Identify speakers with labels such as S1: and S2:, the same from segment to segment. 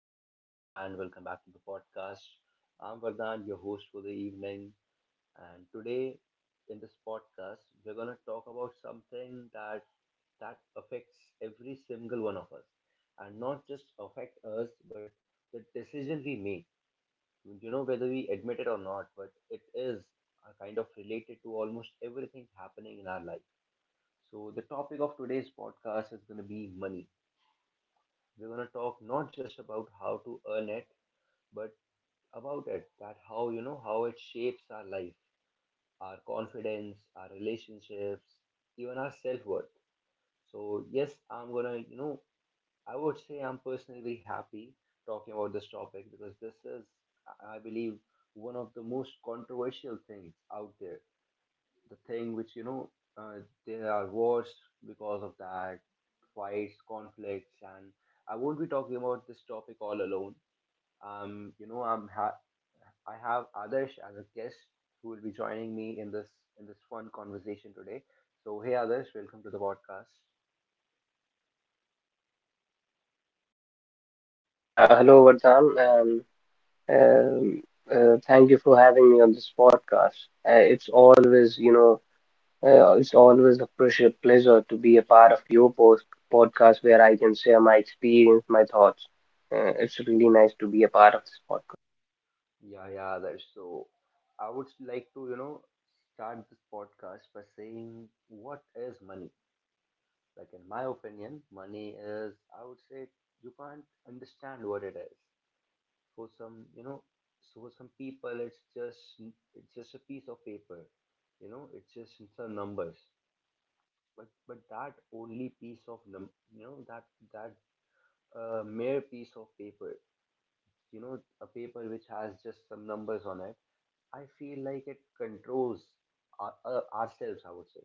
S1: hello everyone and welcome back to the podcast. I'm Vardhan, your host for the evening, and today in this podcast, we're gonna talk about something that affects every single one of us, and not just affect us, but the decision we make. You know, whether we admit it or not, but it is kind of related to almost everything happening in our life. So the topic of today's podcast is gonna be money. We're gonna talk not just about how to earn it, but about it, that how you know how it shapes our life, our confidence, our relationships, even our self worth. So yes, I'm gonna, I would say, I'm personally happy talking about this topic, because this is, I believe, one of the most controversial things out there, the thing which, you know, uh, there are wars because of that, fights, conflicts, and I won't be talking about this topic all alone. um you know i'm ha- I have Adarsh as a guest who will be joining me in this, in this fun conversation today. So hey Adarsh, welcome to the podcast.
S2: Yeah, hello, Vardhan. Um, um, Thank you for having me on this podcast. It's always, you know, it's always a pleasure, pleasure to be a part of your post podcast where I can share my experience, my thoughts. It's really nice to be a part of this podcast.
S1: Yeah, yeah, Adarsh, so I would like to, start this podcast by saying, what is money? Like, in my opinion, money is, I would say, you can't understand what it is. For some, you know, so for some people it's just a piece of paper. You know, it's just some numbers. But you know, that that mere piece of paper, you know, a paper which has just some numbers on it. I feel like it controls ourselves, I would say.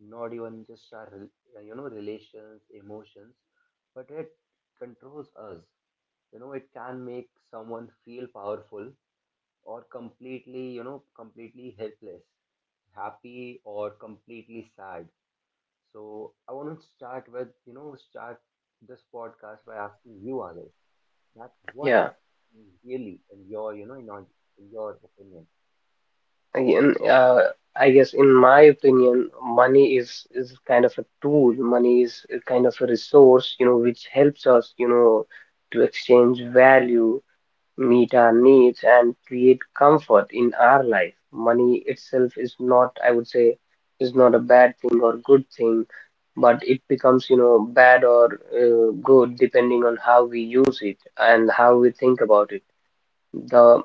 S1: Not even just our relations, emotions, but it controls us. You know, it can make someone feel powerful, or completely helpless, happy or completely sad. So I want to start this podcast by asking you, others, that what
S2: Yeah,
S1: really, in your opinion.
S2: again, I guess in my opinion, money is kind of a tool. Money is a kind of a resource, you know, which helps us, you know, to exchange value meet our needs and create comfort in our life. Money itself is not, I would say, is not a bad thing or good thing, but it becomes, you know, bad or good depending on how we use it and how we think about it. The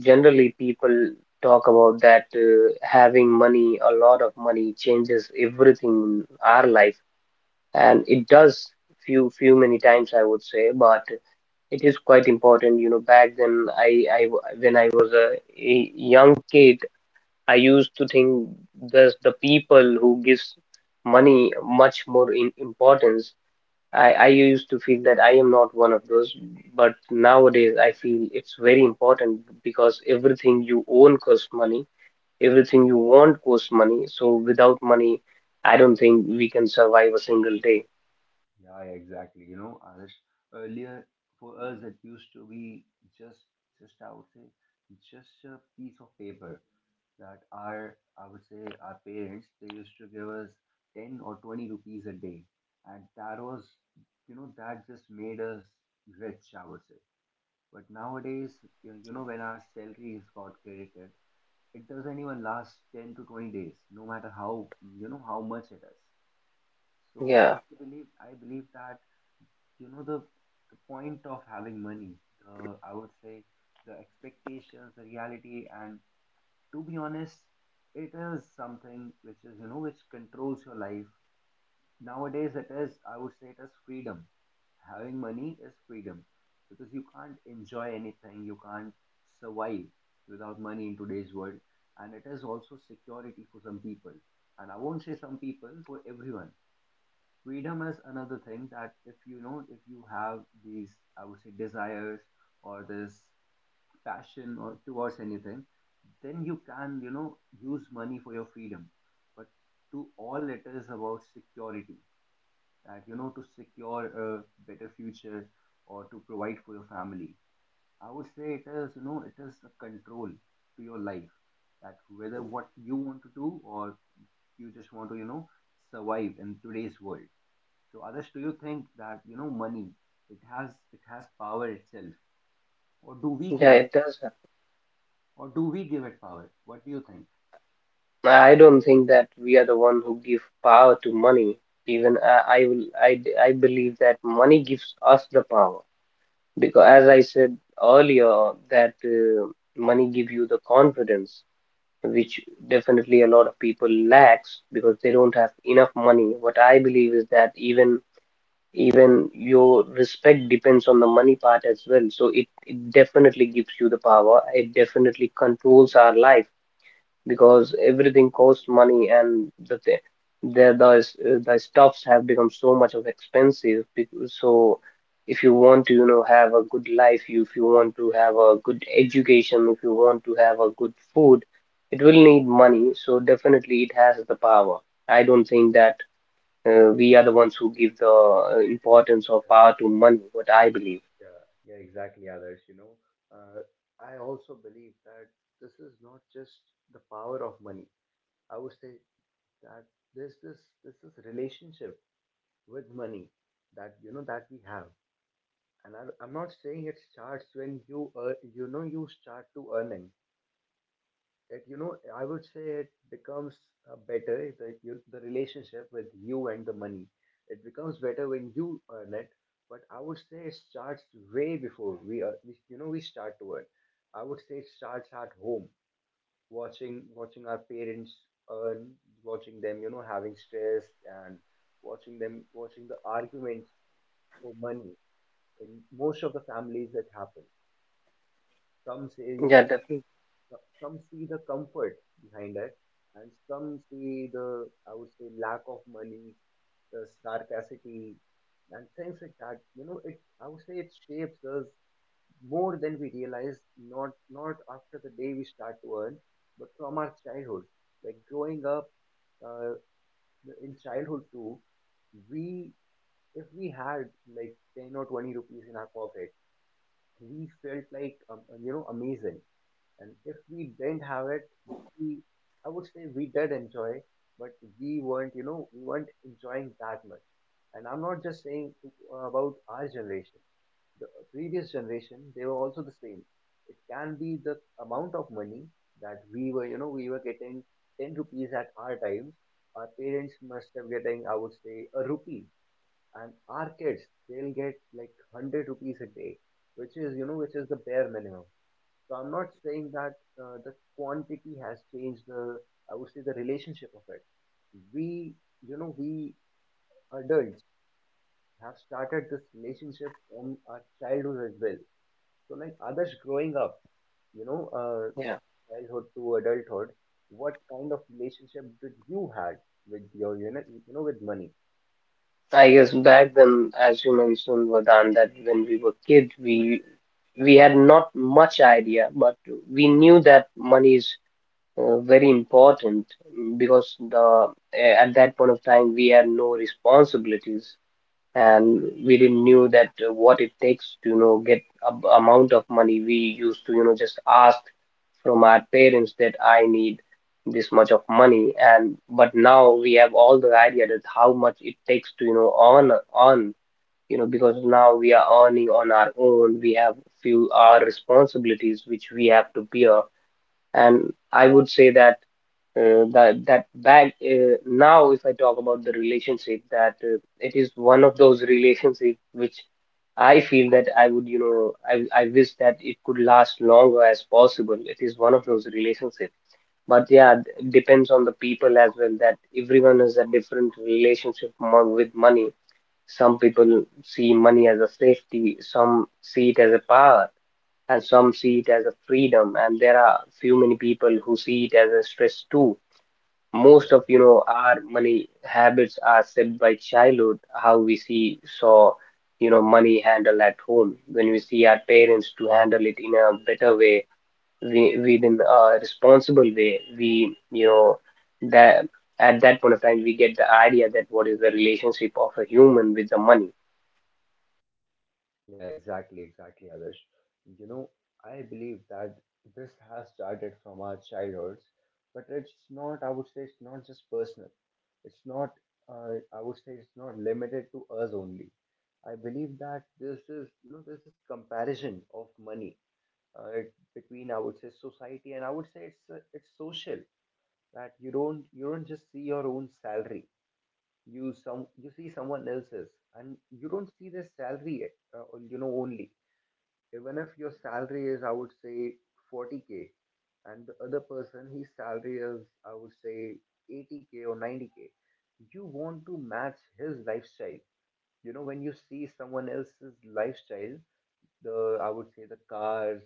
S2: Generally people talk about that having money, a lot of money changes everything in our life, and it does few many times I would say, but it is quite important, you know. Back then, when I was a young kid, I used to think thus the people who gives money much more in importance. I used to feel that I am not one of those, but nowadays I feel it's very important because everything you own costs money, everything you want costs money. So without money, I don't think we can survive a single day.
S1: Yeah, yeah, exactly. You know, Arish, earlier for us it used to be just, just, I would say, just a piece of paper that our, I would say, our parents they used to give us 10 or 20 rupees a day, and that was, you know, that just made us rich, I would say. But nowadays, you know, when our salary is got credited, it doesn't even last 10 to 20 days, no matter how, you know, how much it is. So
S2: Yeah,
S1: I believe that, you know, the point of having money, the, I would say, the expectations, the reality, and to be honest, it is something which is, you know, which controls your life. Nowadays, it is, I would say, it is freedom. Having money is freedom, because you can't enjoy anything, you can't survive without money in today's world. And it is also security for some people, and I won't say some people, for everyone. Freedom is another thing, that if you have these, I would say, desires, or this passion, or towards anything, then you can, use money for your freedom. But to all, it is about security, that, to secure a better future, or to provide for your family. I would say, it is, it is a control to your life, that whether what you want to do, or you just want to, survive in today's world. So, Adarsh, do you think that, money, it has power itself, or do we
S2: yeah,
S1: give it,
S2: it does.
S1: or do we give it power? What do you think?
S2: I don't think that we are the one who give power to money. Even I will, I, d- I believe that money gives us the power because, as I said earlier, that money give you the confidence, which definitely a lot of people lacks because they don't have enough money. What I believe is that even your respect depends on the money part as well. So it definitely gives you the power. It definitely controls our life because everything costs money and the th the the, the stuffs have become so much of expensive because, so if you want to you know have a good life you if you want to have a good education if you want to have a good food it will need money so definitely it has the power. I don't think that we are the ones who give the importance or power to money what I believe.
S1: Yeah, yeah, exactly, Adarsh. You know, uh, I also believe that this is not just the power of money. I would say that there's this relationship with money, that, you know, that we have. And I'm not saying it starts when you earn, you start to earning. It, I would say, it becomes better, the relationship with you and the money. It becomes better when you earn it, but I would say it starts way before we, are, we you know we start to earn. I would say it starts at home, watching our parents earn, watching them, having stress, and watching them, watching the arguments for money, in most of the families that happen. Some say you
S2: Yeah, definitely.
S1: Some see the comfort behind it, and some see the, I would say, lack of money, the scarcity, and things like that. You know, it, I would say, it shapes us more than we realize. Not after the day we start to earn, but from our childhood. Like growing up, uh, in childhood too, we if we had like 10 or 20 rupees in our pocket, we felt like, amazing. And if we didn't have it, we, I would say, we did enjoy, but we weren't enjoying that much. And I'm not just saying, about our generation. The previous generation, they were also the same. It can be the amount of money that we were getting 10 rupees at our times. Our parents must have getting, I would say, a rupee. And our kids, they'll get like 100 rupees a day, which is, which is the bare minimum. So I'm not saying that, the quantity has changed the, I would say, the relationship of it. We, we adults have started this relationship from our childhood as well. So, like others growing up,
S2: Yeah.
S1: from childhood to adulthood, what kind of relationship did you had with money?
S2: I guess back then, as you mentioned, Vardhan, that when we were kids, we had not much idea, but we knew that money is very important because the at that point of time we had no responsibilities and we didn't knew that what it takes to you know get amount of money we used to you know just ask from our parents that I need this much of money and but now we have all the idea that how much it takes to you know earn you know because now we are earning on our own we have few our responsibilities which we have to bear and I would say that that that bag now if I talk about the relationship that it is one of those relationship which I feel that I would you know I wish that it could last longer as possible it is one of those relationship but yeah it depends on the people as well that everyone has a different relationship with money. Some people see money as a safety some see it as a power and some see it as a freedom and there are few many people who see it as a stress too. Most of you know our money habits are shaped by childhood how we see saw you know money handle at home when we see our parents to handle it in a better way we within a responsible way we you know that at that point of time we get the idea that what is the relationship of a human with the money.
S1: Yeah, exactly, exactly, Adarsh. You know, I believe that this has started from our childhoods, but it's not, I would say, it's not just personal. It's not, I would say, it's not limited to us only. I believe that this is comparison of money, between, I would say, society, and I would say it's social, that you don't just see your own salary. You see someone else's, and you don't see their salary, uh, only. Even if your salary is, I would say, 40K, and the other person, his salary is, I would say, 80K or 90K, you want to match his lifestyle. When you see someone else's lifestyle, the, I would say, the cars,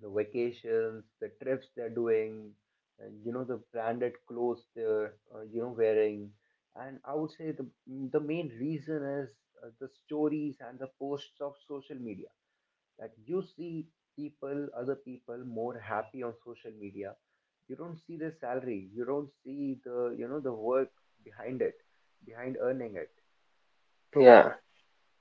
S1: the vacations, the trips they're doing, and the branded clothes they're, wearing. And I would say, the main reason is, the stories and the posts of social media, that you see other people more happy on social media. You don't see the salary. You don't see the work behind it, behind earning it.
S2: Yeah.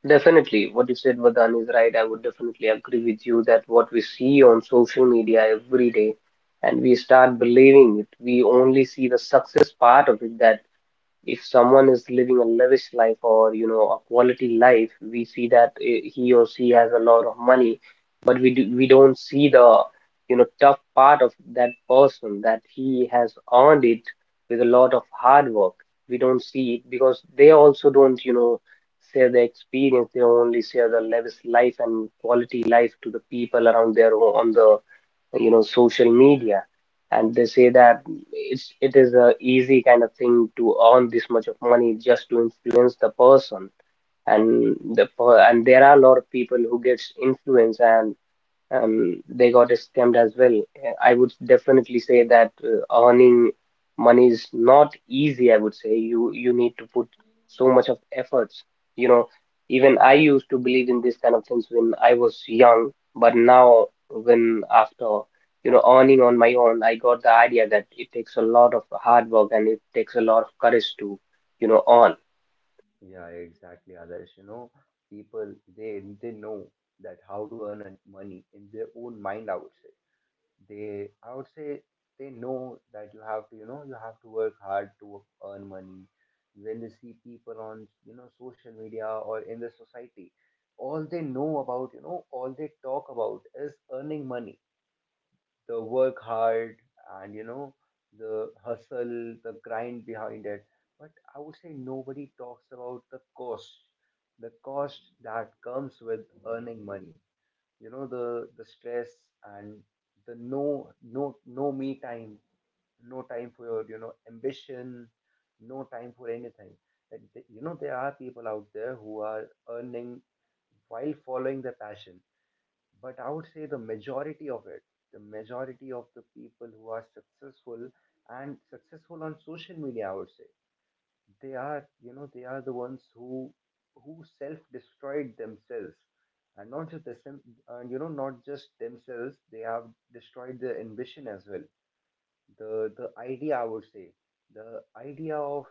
S2: Definitely, what you said, Vardhan, is right. I would definitely agree with you that what we see on social media every day, and we start believing it. We only see the success part of it, that if someone is living a lavish life or you know a quality life we see that he or she has a lot of money but we don't see the you know tough part of that person that he has earned it with a lot of hard work. We don't see it because they also don't you know share the experience. They only share the lavish life and quality life to the people around on the you know social media, and they say that it is a easy kind of thing to earn this much of money just to influence the person. And there are a lot of people who gets influenced and they got scammed as well. I would definitely say that earning money is not easy. I would say you need to put so much of efforts. You know, even I used to believe in these kind of things when I was young, but now when after you know earning on my own, I got the idea that it takes a lot of hard work and it takes a lot of courage to you know earn.
S1: Yeah, exactly, Adarsh. You know, people they know that how to earn money in their own mind. I would say, they, I would say, they know that you have to work hard to earn money. When they see people on, social media, or in the society, all they talk about is earning money, the work hard, and, the hustle, the grind behind it. But I would say, nobody talks about the cost, the cost that comes with earning money. You know, the stress, and the no me time, no time for your, ambition, no time for anything. Like, there are people out there who are earning while following their passion. But I would say the majority of it the majority of the people who are successful, and successful on social media, I would say they are the ones who self destroyed themselves. And not just the them, and, not just themselves, they have destroyed their ambition as well. The idea I would say, the idea of,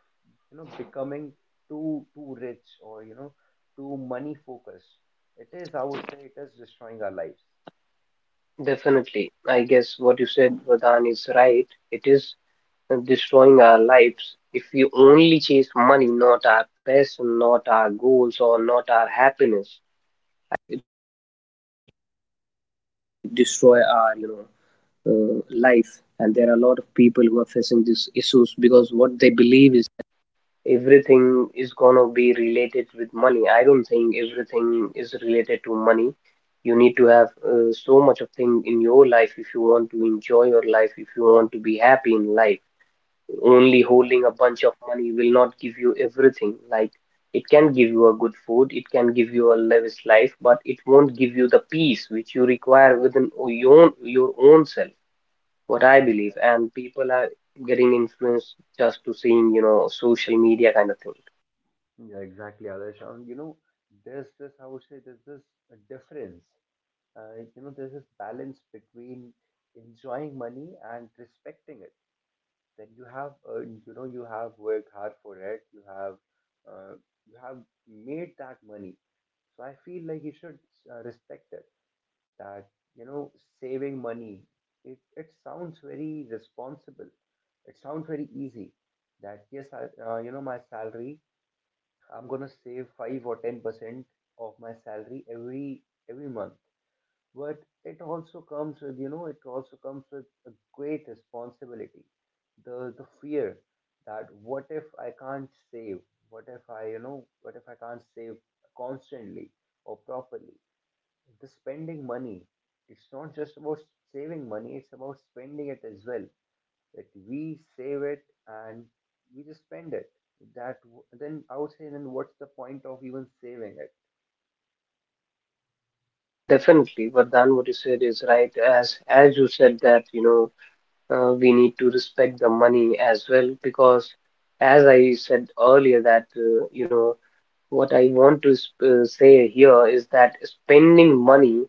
S1: becoming too rich, or, too money focused. It is, I would say, it is destroying our lives.
S2: Definitely, I guess what you said, Vadan, is right. It is and destroying our lives if we only chase money, not our passion, not our goals, or not our happiness. Related with money. I don't think everything is related to money. You need to have so much of thing in your life if you want to enjoy your life, if you want to be happy in life. Only holding a bunch of money will not give you everything. Like it can give you a good food, it can give you a lavish life, but it won't give you the peace which you require within your own self. What I
S1: Yeah,
S2: believe,
S1: exactly,
S2: and people are getting influenced just to seeing, you know, social media kind of thing.
S1: yeah, exactly, Adarsh. And you know, there's this, I would say there's this difference. You know, there's this balance between enjoying money and respecting it, that you have earned. You know, you have worked hard for it, uh, you have made that money. So I feel like you should respect it. That, you know, saving money, it sounds very responsible, it sounds very easy. That yes, I, you know, my salary, I'm going to save 5 or 10% of my salary every month. But it also comes with, you know, it also comes with a great responsibility, the fear that what if I can't save, what if I, you know, what if I can't save constantly or properly. The spending money, it's not just about saving money, it's about spending it as well, that we save it and we just spend it. That then I would say, then what's the point of even saving it?
S2: Yeah, definitely. Vardhan, what you said is right. As you said that, you know, we need to respect the money as well because, as I said earlier, that you know what I want to sp say here is that spending money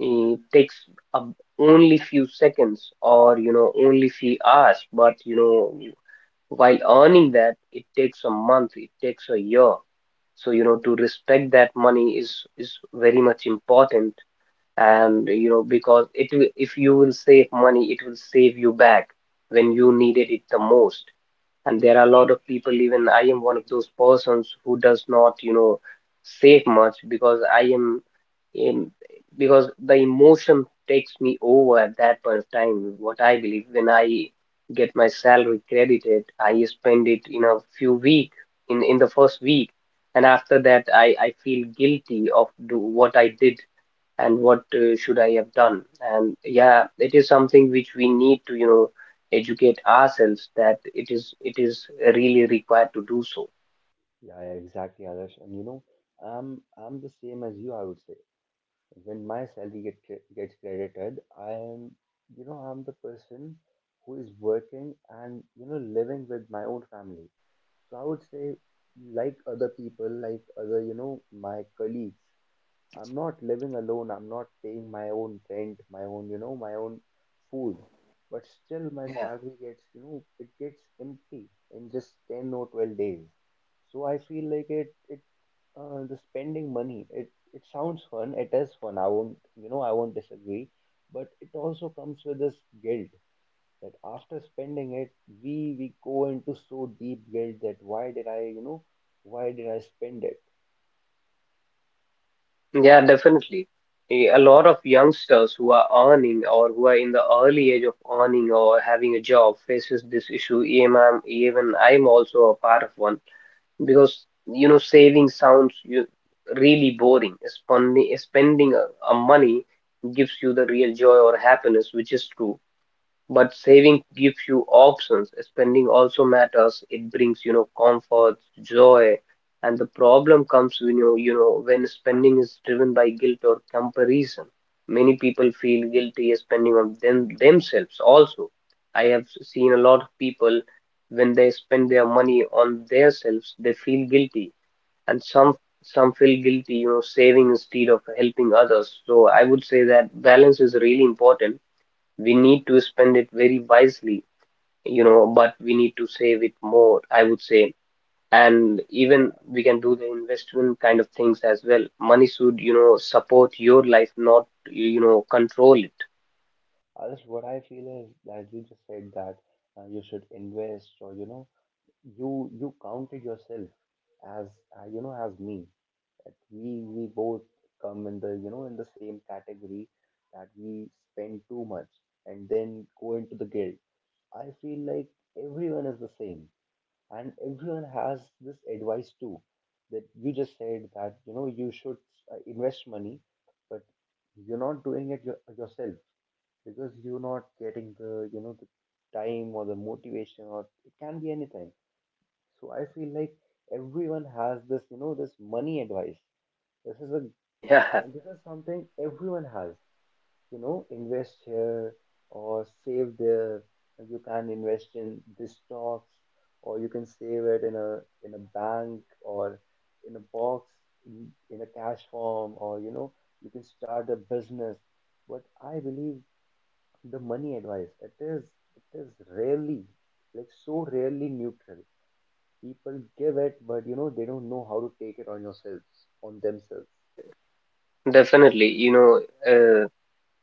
S2: takes up only few seconds or you know only few hours, but you know while earning that it takes a month, it takes a year. So you know to respect that money is very much important, and you know because it will, if you will save money it will save you back when you needed it the most. And there are a lot of people, even I am one of those persons who does not you know save much because I am in because the emotion takes me over at that point of time what I believe when I get my salary credited I spend it in a few week in the first week, and after that I feel guilty of do what I did and what should I have done? And yeah, it is something which we need to, you know, educate ourselves that it is really required to do so.
S1: Yeah, yeah, exactly, Adarsh. And you know, I'm the same as you, I would say. When my salary gets credited, I am, you know, I'm the person who is working and, you know, living with my own family. So I would say, like other people, like other, you know, my colleagues, I'm not living alone. I'm not paying my own rent, my own, you know, my own food. But still, my
S2: Yeah,
S1: salary gets, you know, it gets empty in just 10 or 12 days. So I feel like the spending money, it sounds fun. It is fun. I won't, you know, I won't disagree. But it also comes with this guilt, that after spending it, we go into so deep guilt, that why did I, you know, why did I spend it?
S2: yeah, definitely. A lot of youngsters who are earning or who are in the early age of earning or having a job faces this issue. Even I'm also a part of one because you know saving sounds you really boring. Spending a money gives you the real joy or happiness, which is true. But saving gives you options. Spending also matters. It brings, you know, comfort, joy. And the problem comes when when spending is driven by guilt or comparison. Many people feel guilty spending on themselves also. I have seen a lot of people when they spend their money on themselves, they feel guilty. And some feel guilty, you know, saving instead of helping others. So I would say that balance is really important. We need to spend it very wisely, you know, but we need to save it more, I would say. And even we can do the investment kind of things as well. Money should, you know, support your life, not, you know, control it.
S1: Others, what I feel is that you just said that you should invest, or you know, you counted yourself as you know, as me. That we both come in the, you know, in the same category, that we spend too much and then go into the guilt. I feel like everyone is the same, and everyone has this advice too. That you just said that you know you should invest money, but you're not doing it your, yourself, because you're not getting the, you know, the time or the motivation, or it can be anything. So I feel like everyone has this, you know, this money advice. This is a,
S2: Yeah,
S1: this is something everyone has. You know, invest here or save there, you can invest in this stocks, or you can save it in a bank, or in a box, in a cash form, or you know, you can start a business. But I believe the money advice, it is, it is rarely, like so rarely neutral. People give it, but you know, they don't know how to take it on yourselves, on themselves.
S2: definitely. You know,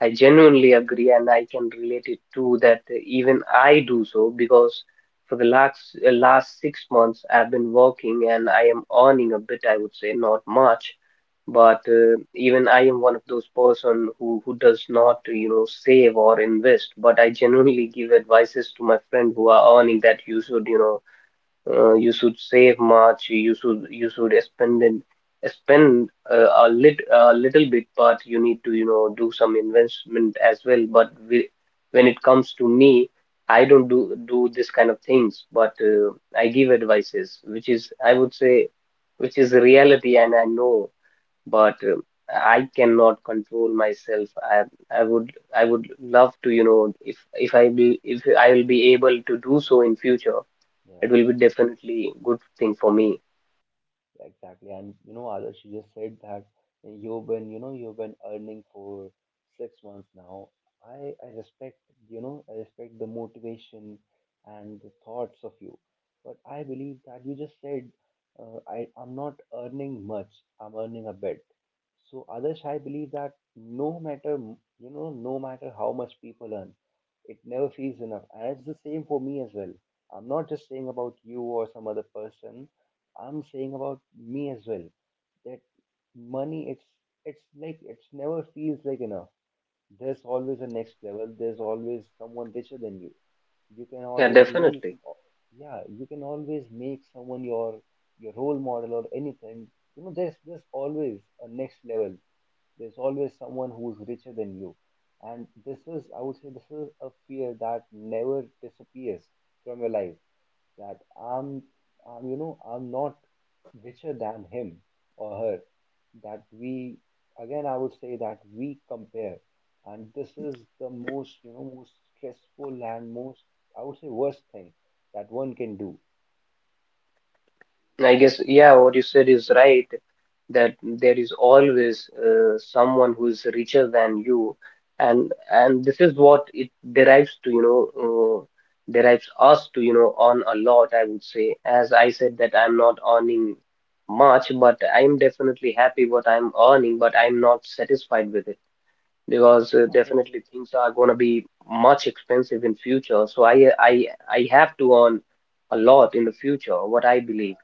S2: I genuinely agree, and I can relate it to that. Even I do so because for the last 6 months I've been working and I am earning a bit. I would say not much, but even I am one of those person who does not you know save or invest. But I genuinely give advices to my friend who are earning that you should you should save much, you should spend and spend a lit a little bit, but you need to, you know, do some investment as well. But we, when it comes to me, I don't do this kind of things, but I give advices which is, I would say, which is reality, and I know, but I cannot control myself. I would I would love to, you know, if I will be able to do so in future, it
S1: Yeah.
S2: will be definitely good thing for me.
S1: Exactly. And you know, Adarsh, you just said that you've been, you know, you've been earning for 6 months now. I respect, you know, I respect the motivation and the thoughts of you. But I believe that you just said, I'm not earning much, I'm earning a bit. So, Adarsh, I believe that no matter, you know, no matter how much people earn, it never feels enough. And it's the same for me as well. I'm not just saying about you or some other person. I'm saying about me as well, that money, it's like, it's never feels like enough. There's always a next level. There's always someone richer than you. You can
S2: Yeah,
S1: always, you know, you
S2: definitely.
S1: can yeah, you can always make someone your role model or anything. You know, there's always a next level. There's always someone who's richer than you, and this is, I would say, this is a fear that never disappears from your life. That I'm, you know, I'm not richer than him or her. That we, again, I would say that we compare, and this is the most, you know, most stressful and most, I would say, worst thing that one can do.
S2: I guess, yeah, what you said is right, that there is always someone who is richer than you, and this is what it derives to, you know, derives us to, you know, earn a lot, I would say. As I said that I'm not earning much, but I'm definitely happy what I'm earning, but I'm not satisfied with it. Because
S1: So,
S2: definitely things are going to be much expensive in future, so I have to earn a lot in the future, what I believe.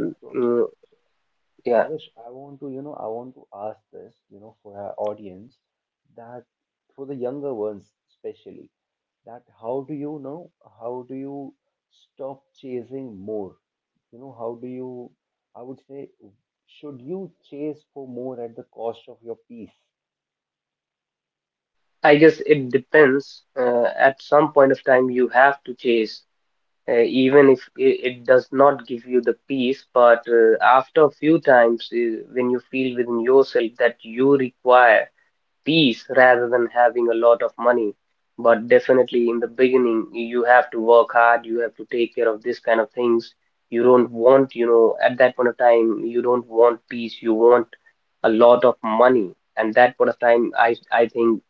S1: yeah, so. So
S2: yeah.
S1: Adarsh, I want to, you know, I want to ask this, you know, for our audience, that for the younger ones especially, that how do you know, how do you stop chasing more? You know, how do you, I would say, should you chase for more at the cost of your peace?
S2: I guess it depends. At some point of time you have to chase, even if it does not give you the peace. But after a few times, when you feel within yourself that you require peace rather than having a lot of money. But definitely in the beginning, you have to work hard, you have to take care of this kind of things. You don't want, you know, at that point of time, you don't want peace, you want a lot of money. And that point of time, I think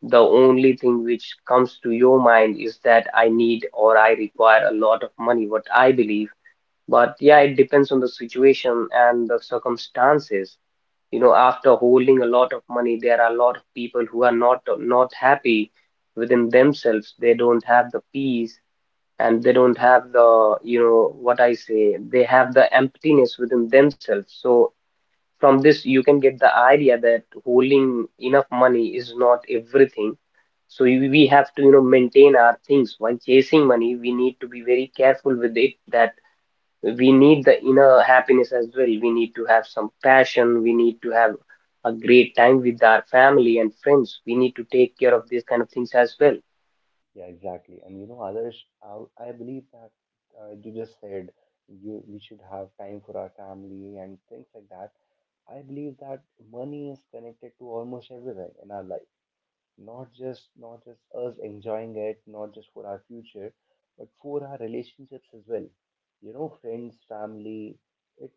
S2: the only thing which comes to your mind is that I need or I require a lot of money, what I believe. But yeah, it depends on the situation and the circumstances. You know, after holding a lot of money, there are a lot of people who are not happy within themselves, they don't have the peace, and they don't have the, you know, what I say, they have the emptiness within themselves. So from this you can get the idea that holding enough money is not everything. So we have to, you know, maintain our things while chasing money. We need to be very careful with it, that we need the inner happiness as well. We need to have some passion. We need to have a great time with our family and friends. We need to take care of these kind of things as well.
S1: Yeah, exactly. And you know, Adarsh, I believe that you just said, you, we should have time for our family and things like that. I believe that money is connected to almost everything in our life, not just, not just us enjoying it, not just for our future, but for our relationships as well. You know, friends, family. It,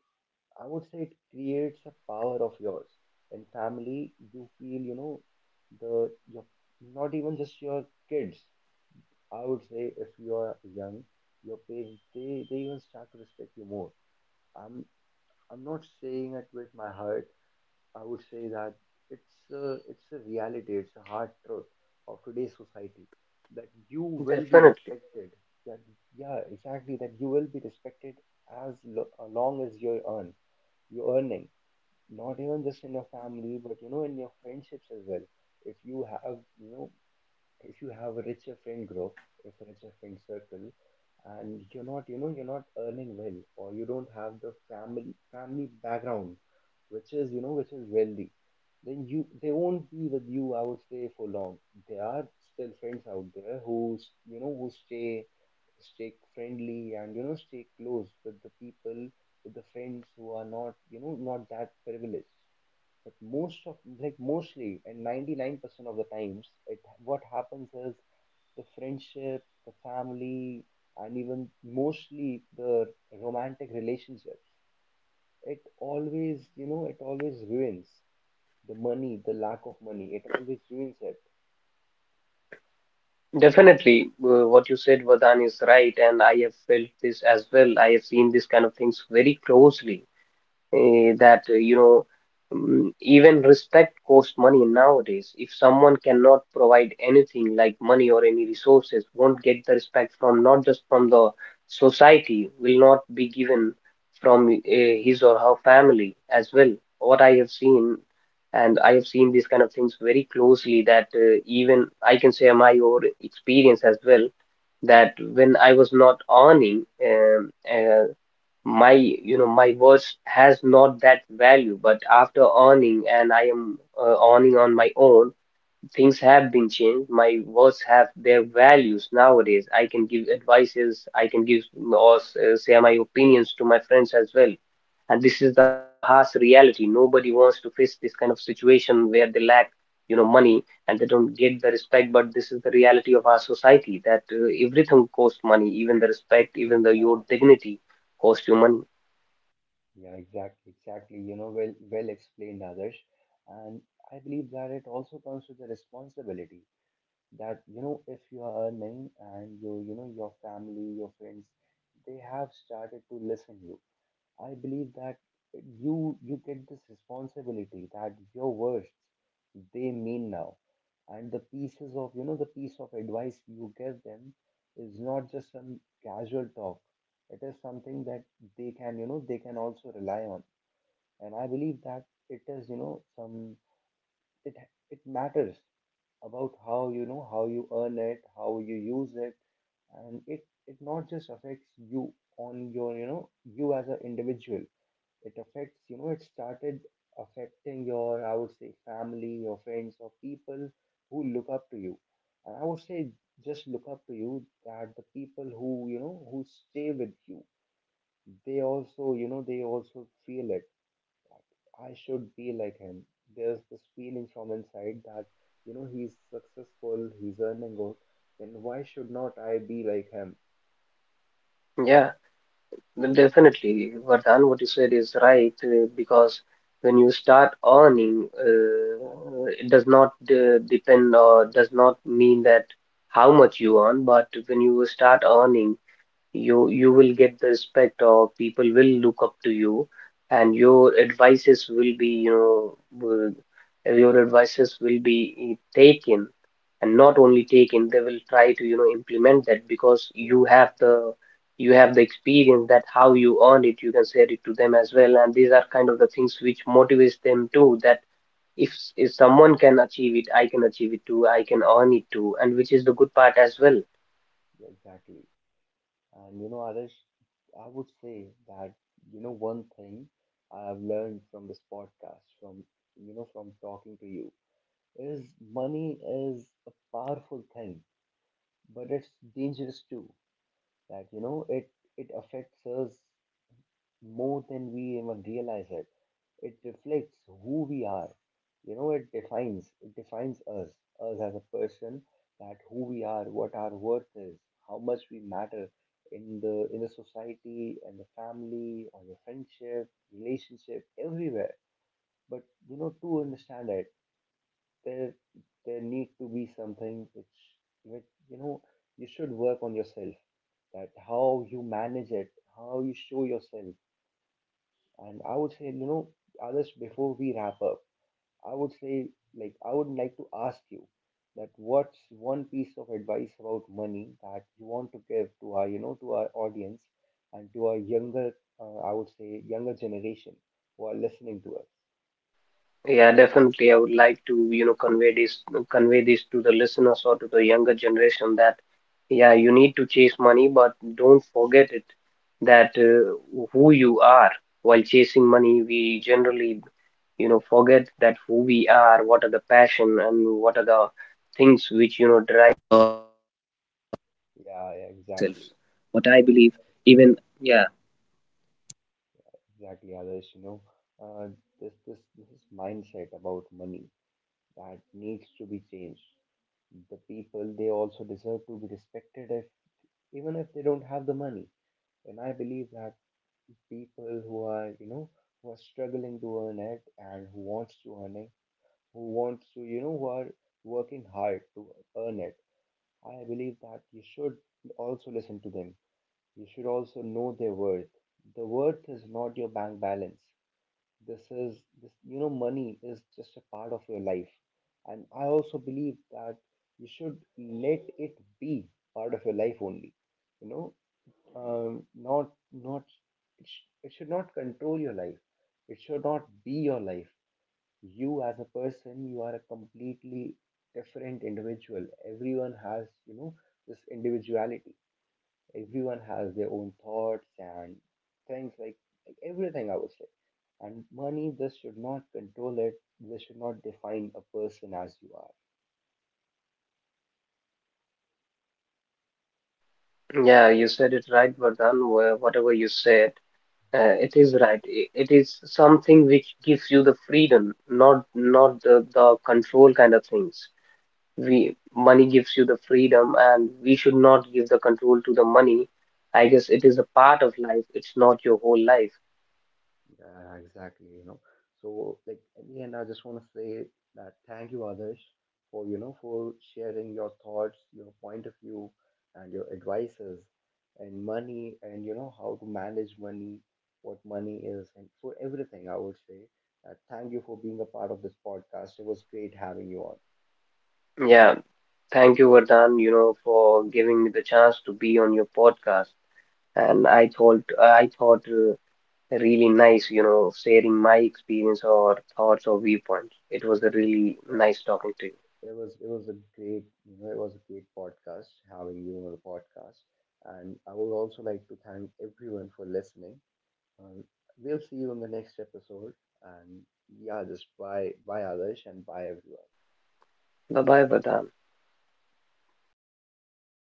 S1: I would say it creates a power of yours. In family, you feel, you know, the your, not even just your kids. I would say if you are young, your parents, they even start to respect you more. I'm I'm not saying it with my heart, I would say that it's a reality, it's a hard truth of today's society, that you will be
S2: Definitely.
S1: respected. That yeah, exactly, that you will be respected as lo long as you earn, you're earning. Not even just in your family, but you know, in your friendships as well. If you have, you know, if you have a richer friend group, if a richer friend circle, and you're not, you know, you're not earning well, or you don't have the family background, which is, you know, which is wealthy, then you, they won't be with you. I would say for long. There are still friends out there who, you know, who stay friendly, and you know, stay close with the people, with the friends who are not, you know, not that privileged. But most of, like, mostly, and 99% of the times, it what happens is the friendship, the family, and even mostly the romantic relationships. It always, you know, it always ruins, the money, the lack of money, it always ruins it.
S2: Definitely, what you said, Vardhan, is right, and I have felt this as well. I have seen these kind of things very closely. That you know, even respect costs money nowadays. If someone cannot provide anything like money or any resources, won't get the respect from, not just from the society, will not be given from his or her family as well. What I have seen, and I have seen these kind of things very closely, that even I can say my own experience as well, that when I was not earning, my, you know, my words has not that value. But after earning, and I am earning on my own, things have been changed, my words have their values nowadays. I can give advices, I can give or say my opinions to my friends as well. And this is the harsh reality, nobody wants to face this kind of situation where they lack, you know, money, and they don't get the respect. But this is the reality of our society, that everything costs money, even the respect, even the your dignity costs you money.
S1: Yeah, exactly, exactly. You know, well, well explained, Adarsh. And I believe that it also comes with the responsibility. That you know, if you are earning, and your, you know, your family, your friends, they have started to listen you, I believe that you get this responsibility, that your words, they mean now, and the pieces of, you know, the piece of advice you give them is not just some casual talk, it is something that they can, you know, they can also rely on. And I believe that it is, you know, some, it it matters about how, you know, how you earn it, how you use it, and it, it not just affects you on your, you know, you as an individual. It affects, you know, it started affecting your, I would say, family, your friends, or people who look up to you. And I would say just look up to you, that the people who, you know, who stay with you, they also, you know, they also feel it, I should be like him. There's this feeling from inside, that, you know, he's successful, he's earning good, then why should not I be like him?
S2: Yeah, well, definitely. Vardhan, what you said is right, because when you start earning, it does not depend or does not mean that how much you earn, but when you start earning, you will get the respect, or people will look up to you, and your advices will be, you know, will- your advices will be, taken. And not only taken, they will try to, you know, implement that, because you
S1: Yeah,
S2: have the, you have the experience, that how you earned it, you can share it to them as well. And these are kind of the things which motivates them too, that if if someone can achieve it, I can achieve it too, I can earn it too, and which is the good part as well.
S1: yeah, exactly. And you know, Arish, I would say that, you know, one thing I've learned from this podcast, from, you know, from talking to you, is money is a powerful thing, but it's dangerous too. That, you know, it affects us more than we even realize it. It reflects who we are. You know, it defines, it defines us, us as a person, that who we are, what our worth is, how much we matter in the, in the society, and the family, or your friendship, relationship, everywhere. But you know, to understand it, there there need to be something which, you know, you should work on yourself, that how you manage it, how you show yourself, and I would say, you know, others, before we wrap up, I would say, like, I would like to ask you, that what's one piece of advice about money that you want to give to our, you know, to our audience, and to our younger, I would say, younger generation who are listening to us.
S2: Yeah, definitely. I would like to, you know, convey this to the listeners or to the younger generation, that yeah, you need to chase money, but don't forget it, that who you are while chasing money. We generally, you know, forget that who we are, what are the passion, and what are the things which, you know.
S1: Yeah, yeah, exactly, exactly, others, you know, uh, this is mindset about money that needs to be changed. The people, they also deserve to be respected if, even if they don't have the money. And I believe that people who are, you know, who are struggling to earn it, and who wants to earn it, who wants to, you know, who are working hard to earn it, I believe that you should also listen to them. You should also know their worth. The worth is not your bank balance. This is this, you know, money is just a part of your life. And I also believe that you should let it be part of your life only, you know, not, not, it should not control your life, it should not be your life. You as a person, you are a completely different individual. Everyone has, you know, this individuality, everyone has their own thoughts, and things like everything, I would say, and money, this should not control it, this should not define a person as you are.
S2: Yeah, you said it right, Vardhan. Whatever you said, it is right. It is something which gives you the freedom, not not the control kind of things. We, money gives you the freedom, and we should not give the control to the money. I guess it is a part of life. It's not your whole life.
S1: Yeah, exactly, you know. So, like, in the end, I just want to say that thank you, Adarsh, for, you know, for sharing your thoughts, your point of view, and your advices, and money, and, you know, how to manage money, what money is, and for everything, I would say. That thank you for being a part of this podcast. It was great having you on.
S2: Yeah, thank you, Vardhan, you know, for giving me the chance to be on your podcast. And I thought. Really nice, you know, sharing my experience or thoughts or viewpoints. It was a really nice
S1: Yeah,
S2: talking to you.
S1: it was a great, you know, it was a great podcast having you on the podcast, and I would also like to thank everyone for listening. Uh, we'll see you in the next episode. And yeah, just bye, bye Adarsh, and bye everyone.
S2: Bye bye, Vardhan.